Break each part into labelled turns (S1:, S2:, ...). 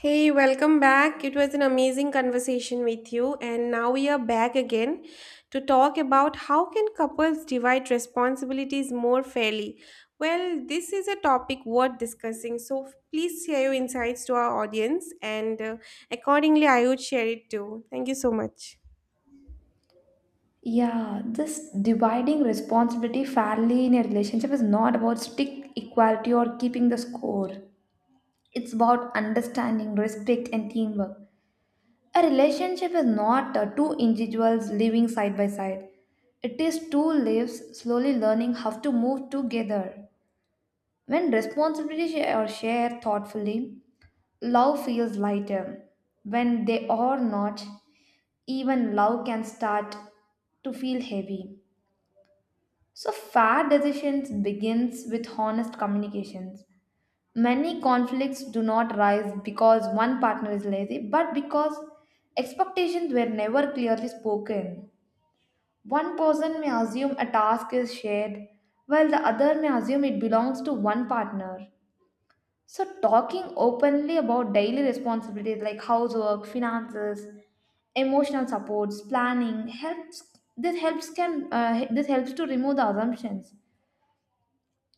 S1: Hey, welcome back. It was an amazing conversation with you, and now we are back again to talk about how can couples divide responsibilities more fairly. Well, this is a topic worth discussing, so please share your insights to our audience, and accordingly, I would share it too. Thank you so much.
S2: Yeah, this dividing responsibility fairly in a relationship is not about strict equality or keeping the score. It's about understanding, respect, and teamwork. A relationship is not two individuals living side by side, it is two lives slowly learning how to move together. When responsibilities are shared thoughtfully, love feels lighter. When they are not, even love can start to feel heavy. So fair decisions begins with honest communications. Many conflicts do not rise because one partner is lazy, but because expectations were never clearly spoken. One person may assume a task is shared, while the other may assume it belongs to one partner. So talking openly about daily responsibilities like housework, finances, emotional supports, planning helps. This helps to remove the assumptions.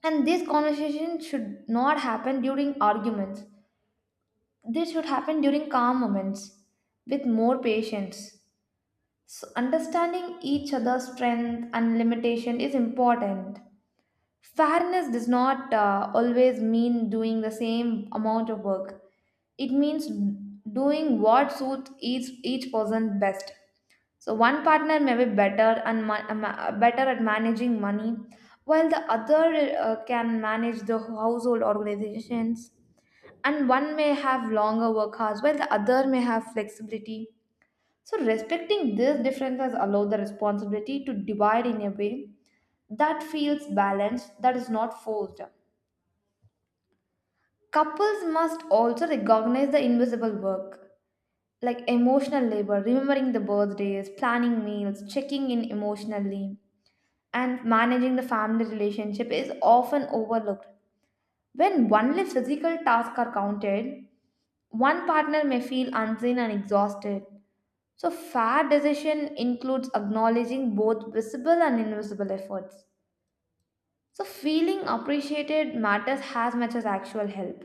S2: And this conversation should not happen during arguments. This should happen during calm moments with more patience. So understanding each other's strength and limitation is important. Fairness does not always mean doing the same amount of work. It means doing what suits each person best. So one partner may be better and better at managing money, while the other can manage the household organizations. And one may have longer work hours, while the other may have flexibility. So respecting these differences allow the responsibility to divide in a way that feels balanced, that is not forced. Couples must also recognize the invisible work, like emotional labor, remembering the birthdays, planning meals, checking in emotionally, and managing the family relationship is often overlooked. When only physical tasks are counted, one partner may feel unseen and exhausted. So fair decision includes acknowledging both visible and invisible efforts. So feeling appreciated matters as much as actual help.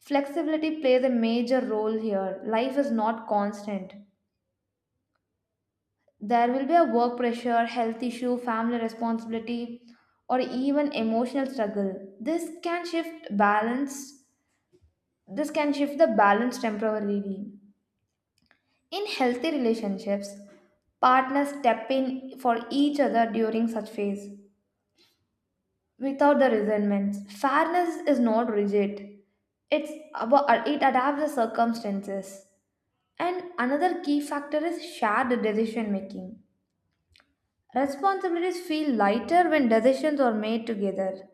S2: Flexibility plays a major role here. Life is not constant. There will be a work pressure, health issue, family responsibility, or even emotional struggle. This can shift balance. This can shift the balance temporarily. In healthy relationships, partners step in for each other during such phase without the resentments. Fairness is not rigid. It's about it adapts the circumstances. And another key factor is shared decision making. Responsibilities feel lighter when decisions are made together.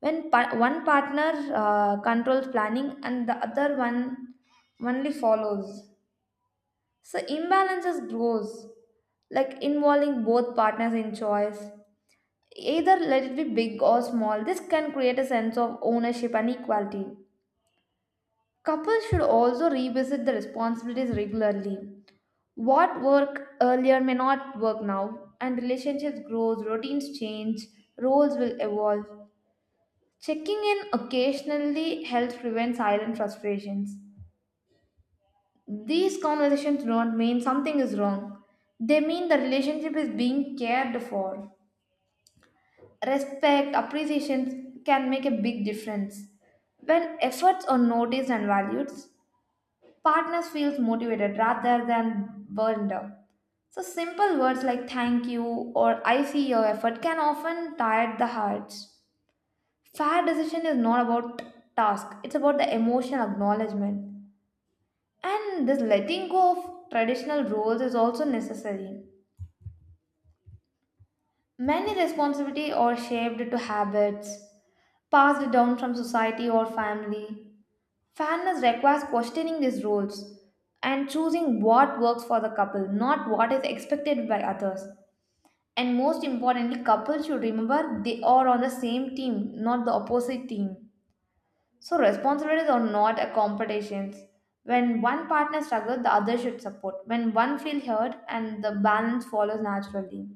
S2: When one partner controls planning and the other one only follows. So imbalances grows like involving both partners in choice. Either let it be big or small, this can create a sense of ownership and equality. Couples should also revisit the responsibilities regularly. What worked earlier may not work now, and relationships grow, routines change, roles will evolve. Checking in occasionally helps prevent silent frustrations. These conversations do not mean something is wrong, they mean the relationship is being cared for. Respect, appreciation can make a big difference. When efforts are noticed and valued, partners feels motivated rather than burned out. So simple words like thank you or I see your effort can often tire the hearts. Fair decision is not about task, it's about the emotional acknowledgement. And this letting go of traditional roles is also necessary. Many responsibility are shaped to habits passed down from society or family. Fairness requires questioning these rules and choosing what works for the couple, not what is expected by others. And most importantly, couples should remember they are on the same team, not the opposite team. So responsibilities are not a competition. When one partner struggles, the other should support. When one feels hurt, and the balance follows naturally.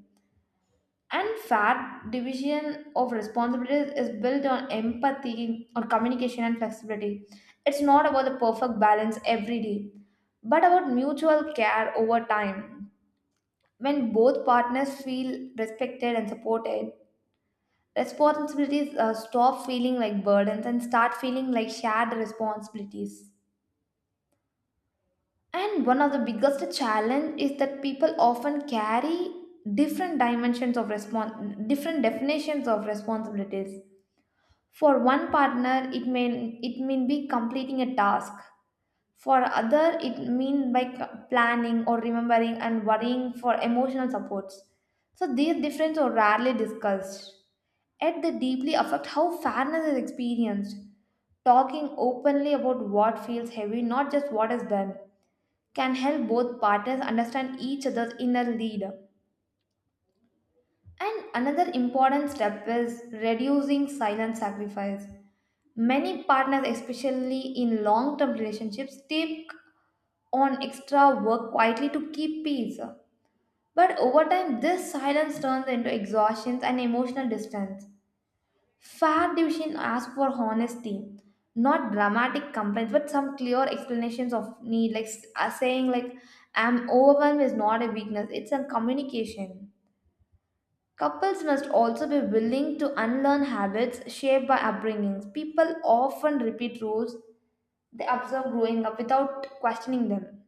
S2: And fair division of responsibilities is built on empathy on communication and flexibility. It's not about the perfect balance every day, but about mutual care over time. When both partners feel respected and supported, responsibilities stop feeling like burdens and start feeling like shared responsibilities. And one of the biggest challenge is that people often carry different definitions of responsibilities. For one partner, it may it mean be completing a task. For other, it mean by c- planning or remembering and worrying for emotional supports. So these differences are rarely discussed. Yet they deeply affect how fairness is experienced. Talking openly about what feels heavy, not just what is done, can help both partners understand each other's inner lead. And another important step is reducing silent sacrifice. Many partners, especially in long term relationships, take on extra work quietly to keep peace. But over time, this silence turns into exhaustion and emotional distance. Fair division asks for honesty, not dramatic complaints, but some clear explanations of need, like saying like "I'm overwhelmed" is not a weakness; it's a communication. Couples must also be willing to unlearn habits shaped by upbringings. People often repeat rules they observe growing up without questioning them.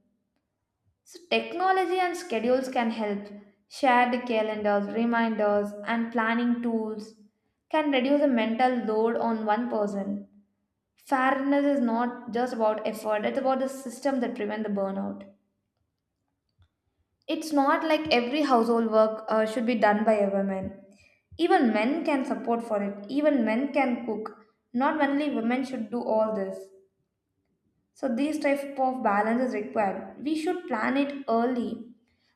S2: So technology and schedules can help. Shared calendars, reminders, and planning tools can reduce the mental load on one person. Fairness is not just about effort, it's about the system that prevent the burnout. It's not like every household work should be done by a woman. Even men can support for it. Even men can cook. Not only women should do all this. So this type of balance is required. We should plan it early.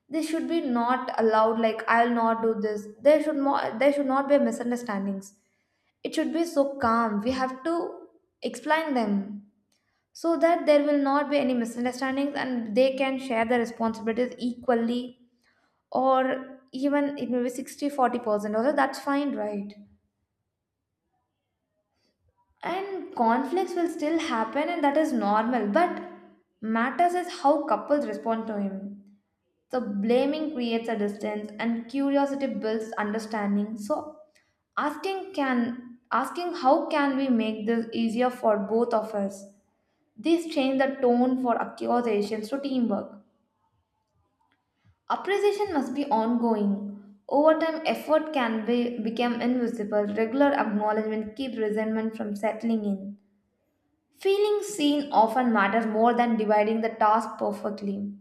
S2: This should be not allowed like I'll not do this. There should not be misunderstandings. It should be so calm. We have to explain them so that there will not be any misunderstandings and they can share the responsibilities equally, or even it may be 60-40 percent also. That's fine, right? And conflicts will still happen and that is normal, but matters is how couples respond to him. So blaming creates a distance and curiosity builds understanding. So asking can asking how can we make this easier for both of us, these change the tone for accusations to teamwork. Appreciation must be ongoing. Over time, effort can become invisible. Regular acknowledgement keep resentment from settling in. Feeling seen often matters more than dividing the task perfectly.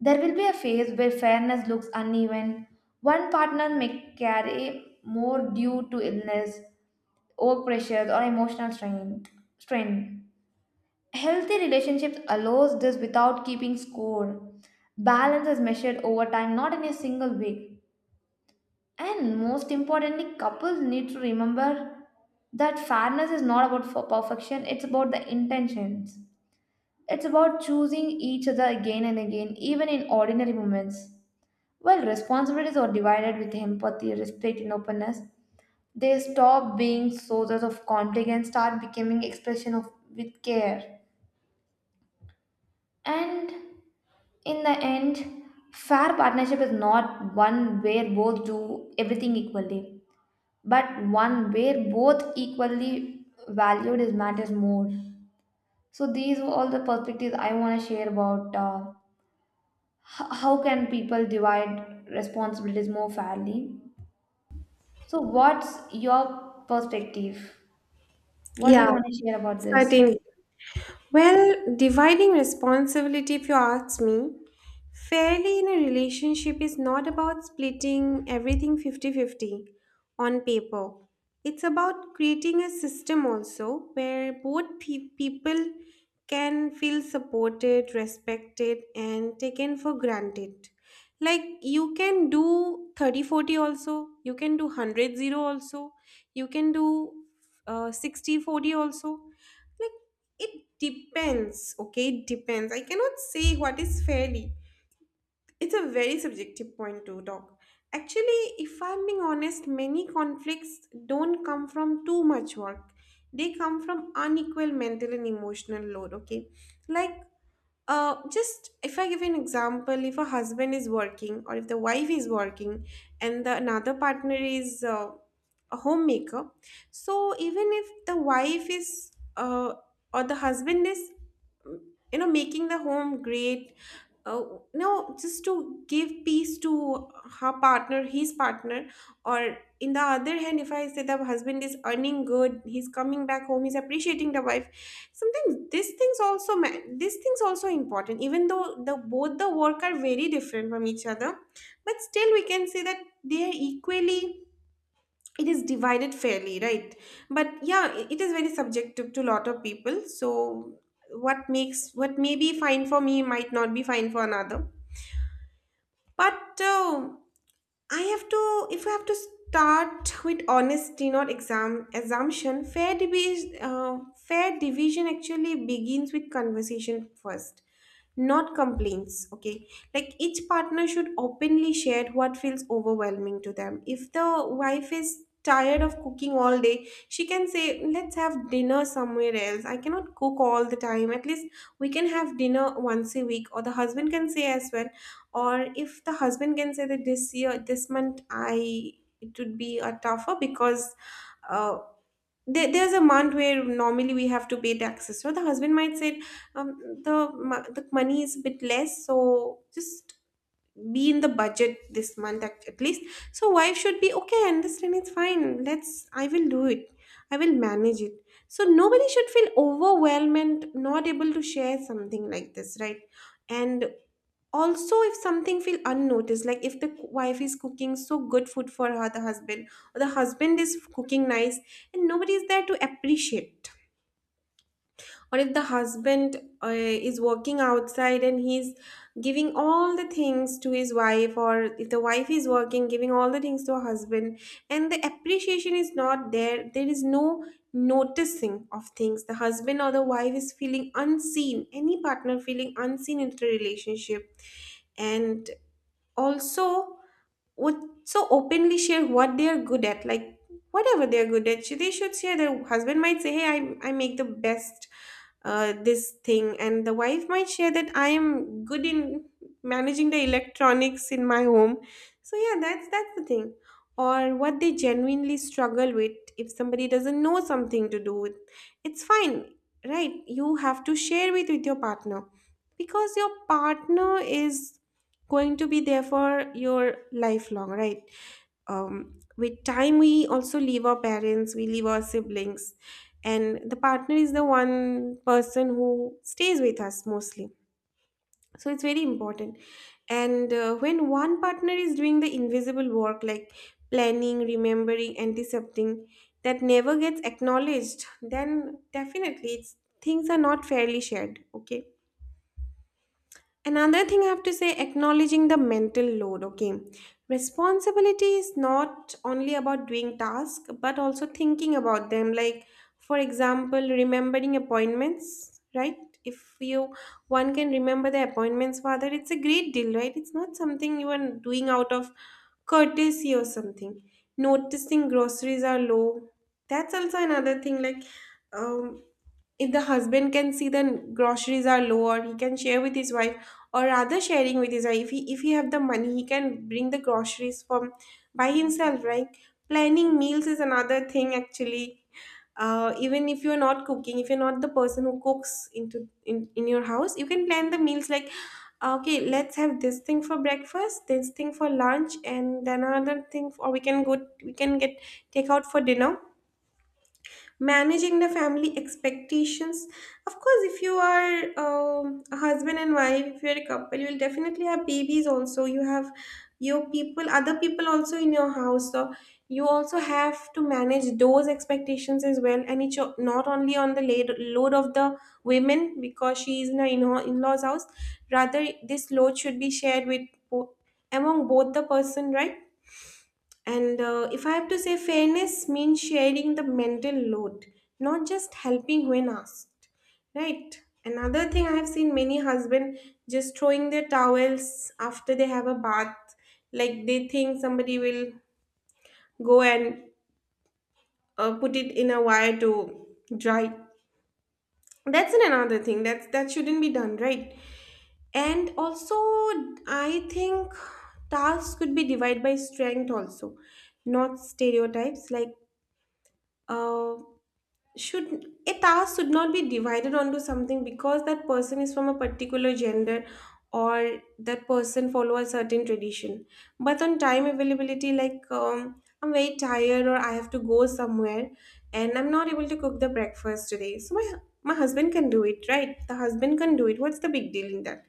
S2: There will be a phase where fairness looks uneven. One partner may carry more due to illness, work pressures, or emotional strain. Healthy relationships allows this without keeping score. Balance is measured over time, not in a single week. And most importantly, couples need to remember that fairness is not about for perfection, it's about the intentions. It's about choosing each other again and again, even in ordinary moments. While responsibilities are divided with empathy, respect, and openness, they stop being sources of conflict and start becoming expression of with care. And in the end, fair partnership is not one where both do everything equally, but one where both equally valued is matters more. So these were all the perspectives I want to share about how can people divide responsibilities more fairly. So what's your perspective? What do
S1: Yeah,
S2: you want to share about this?
S1: certainly. Well, dividing responsibility, if you ask me, fairly in a relationship is not about splitting everything 50-50, on paper. It's about creating a system also where both people can feel supported, respected, and taken for granted. Like you can do 30-40 also, you can do 100-0 also, you can do 60-40 also, like it depends. Okay, it depends, I cannot say what is fairly. It's a very subjective point to talk. Actually, if I'm being honest, many conflicts don't come from too much work. They come from unequal mental and emotional load, okay? Like, just if I give an example, if a husband is working or if the wife is working and the another partner is a homemaker, so even if the wife is uh, or the husband is, making the home great, oh no, just to give peace to her partner, his partner, or in the other hand, if I say the husband is earning good, he's coming back home, he's appreciating the wife. Sometimes these things also these things also important, even though the both the work are very different from each other, but still we can say that they are equally, it is divided fairly, right? But yeah, it is very subjective to lot of people. So what makes, what may be fine for me might not be fine for another. But I have to, if I have to start with honesty, not exam assumption. Fair division actually begins with conversation first, not complaints, okay? Like each partner should openly share what feels overwhelming to them. If the wife is tired of cooking all day, she can say let's have dinner somewhere else, I cannot cook all the time, at least we can have dinner once a week. Or the husband can say as well. Or if the husband can say that this year this month I it would be a tougher because uh there's a month where normally we have to pay taxes, so the husband might say um, the the money is a bit less, so just be in the budget this month at least. So wife should be okay, I understand it's fine, let's I will do it, I will manage it. So nobody should feel overwhelmed and not able to share something like this, right? And also, if something feel unnoticed, like if the wife is cooking so good food for her, the husband, or the husband is cooking nice and nobody is there to appreciate, or if the husband is working outside and he's giving all the things to his wife, or if the wife is working giving all the things to her husband, and the appreciation is not there, there is no noticing of things, the husband or the wife is feeling unseen, any partner feeling unseen in the relationship. And also would so openly share what they are good at, like whatever they are good at they should share. Their husband might say hey, I make the best this thing. And the wife might share that I am good in managing the electronics in my home. So yeah, that's the thing. Or what they genuinely struggle with, if somebody doesn't know something to do with, it's fine, right? You have to share with your partner, because your partner is going to be there for your lifelong, right? With time we also leave our parents, we leave our siblings, and the partner is the one person who stays with us mostly, so it's very important. And when one partner is doing the invisible work, like planning, remembering, antisepting, that never gets acknowledged, then definitely it's things are not fairly shared, okay? Another thing I have to say, acknowledging the mental load, okay? Responsibility is not only about doing tasks, but also thinking about them, like for example remembering appointments, right? If you, one can remember the appointments father, it's a great deal, right? It's not something you are doing out of courtesy or something. Noticing groceries are low, that's also another thing, like um if the husband can see the groceries are lower, he can share with his wife, or rather sharing with his wife, if he have the money, he can bring the groceries from by himself, right? Planning meals is another thing actually. Even if you're not cooking, if you're not the person who cooks in your house, you can plan the meals, like, "Ah, okay, let's have this thing for breakfast, this thing for lunch, and then another thing, or we can go, we can get takeout for dinner." Managing the family expectations, of course if you are a husband and wife, if you're a couple, you'll definitely have babies also, you have your people, other people also in your house, so you also have to manage those expectations as well. And it's not only on the load of the women, because she is in her in in-laws house, rather this load should be shared with bo- among both the person, right? And if I have to say, fairness means sharing the mental load, not just helping when asked, right? Another thing I have seen, many husband just throwing their towels after they have a bath, like they think somebody will go and put it in a wire to dry. That's an another thing. That shouldn't be done, right? And also, I think tasks could be divided by strength also, not stereotypes, like. uh, should a task should not be divided onto something because that person is from a particular gender or that person follow a certain tradition, but on time availability, like I'm very tired or I have to go somewhere and I'm not able to cook the breakfast today, so my husband can do it, right? The husband can do it, what's the big deal in that?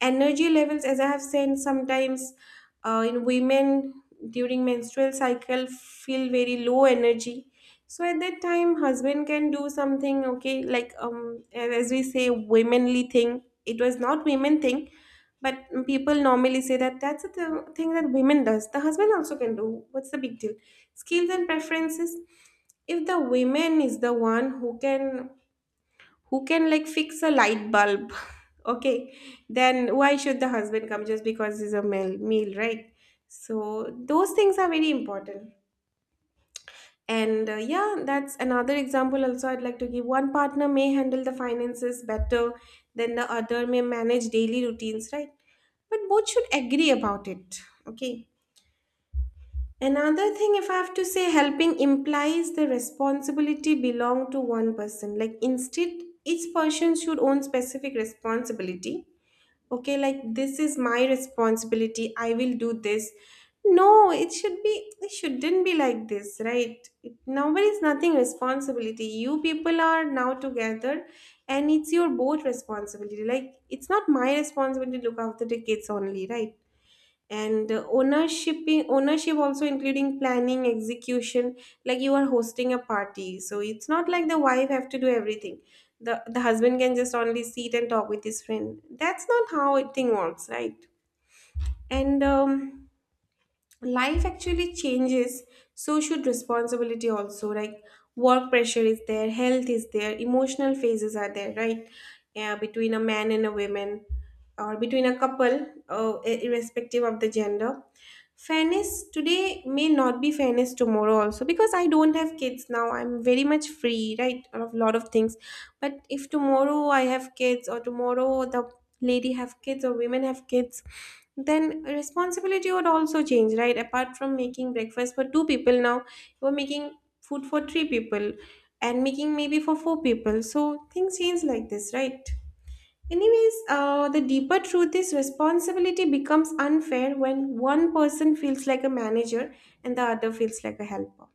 S1: Energy levels, as I have said, sometimes in women during menstrual cycle feel very low energy, so at that time husband can do something, okay? Like as we say womanly thing, it was not women thing, but people normally say that, that's a thing that women does, the husband also can do, what's the big deal? Skills and preferences, if the women is the one who can like fix a light bulb okay, then why should the husband come just because he's a male, right? So those things are very important. And yeah, that's another example. Also, I'd like to give one partner may handle the finances better than the other may manage daily routines, right? But both should agree about it, okay? Another thing, if I have to say, helping implies the responsibility belong to one person. Like instead, each person should own specific responsibility, okay? Like this is my responsibility, I will do this. No, it should be, it shouldn't be like this, right? It, nowhere is nothing responsibility, you people are now together and it's your both responsibility, like it's not my responsibility to look after the kids only, right? And ownership also including planning execution, like you are hosting a party, so it's not like the wife have to do everything, the husband can just only sit and talk with his friend, that's not how it thing works, right? And life actually changes, so should responsibility also, like work pressure is there, health is there, emotional phases are there, right? Yeah, between a man and a woman, or between a couple, irrespective of the gender, fairness today may not be fairness tomorrow also, because I don't have kids now, I'm very much free, right, of a lot of things. But if tomorrow I have kids or tomorrow the lady have kids or women have kids, then responsibility would also change, right? Apart from making breakfast for two people now, you are making food for three people, and making maybe for four people. So things change like this, right? Anyways, the deeper truth is responsibility becomes unfair when one person feels like a manager and the other feels like a helper.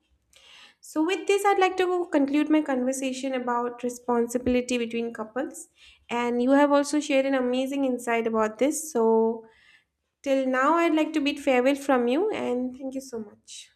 S1: So with this, I'd like to go conclude my conversation about responsibility between couples. And you have also shared an amazing insight about this. So till now, I'd like to bid farewell from you and thank you so much.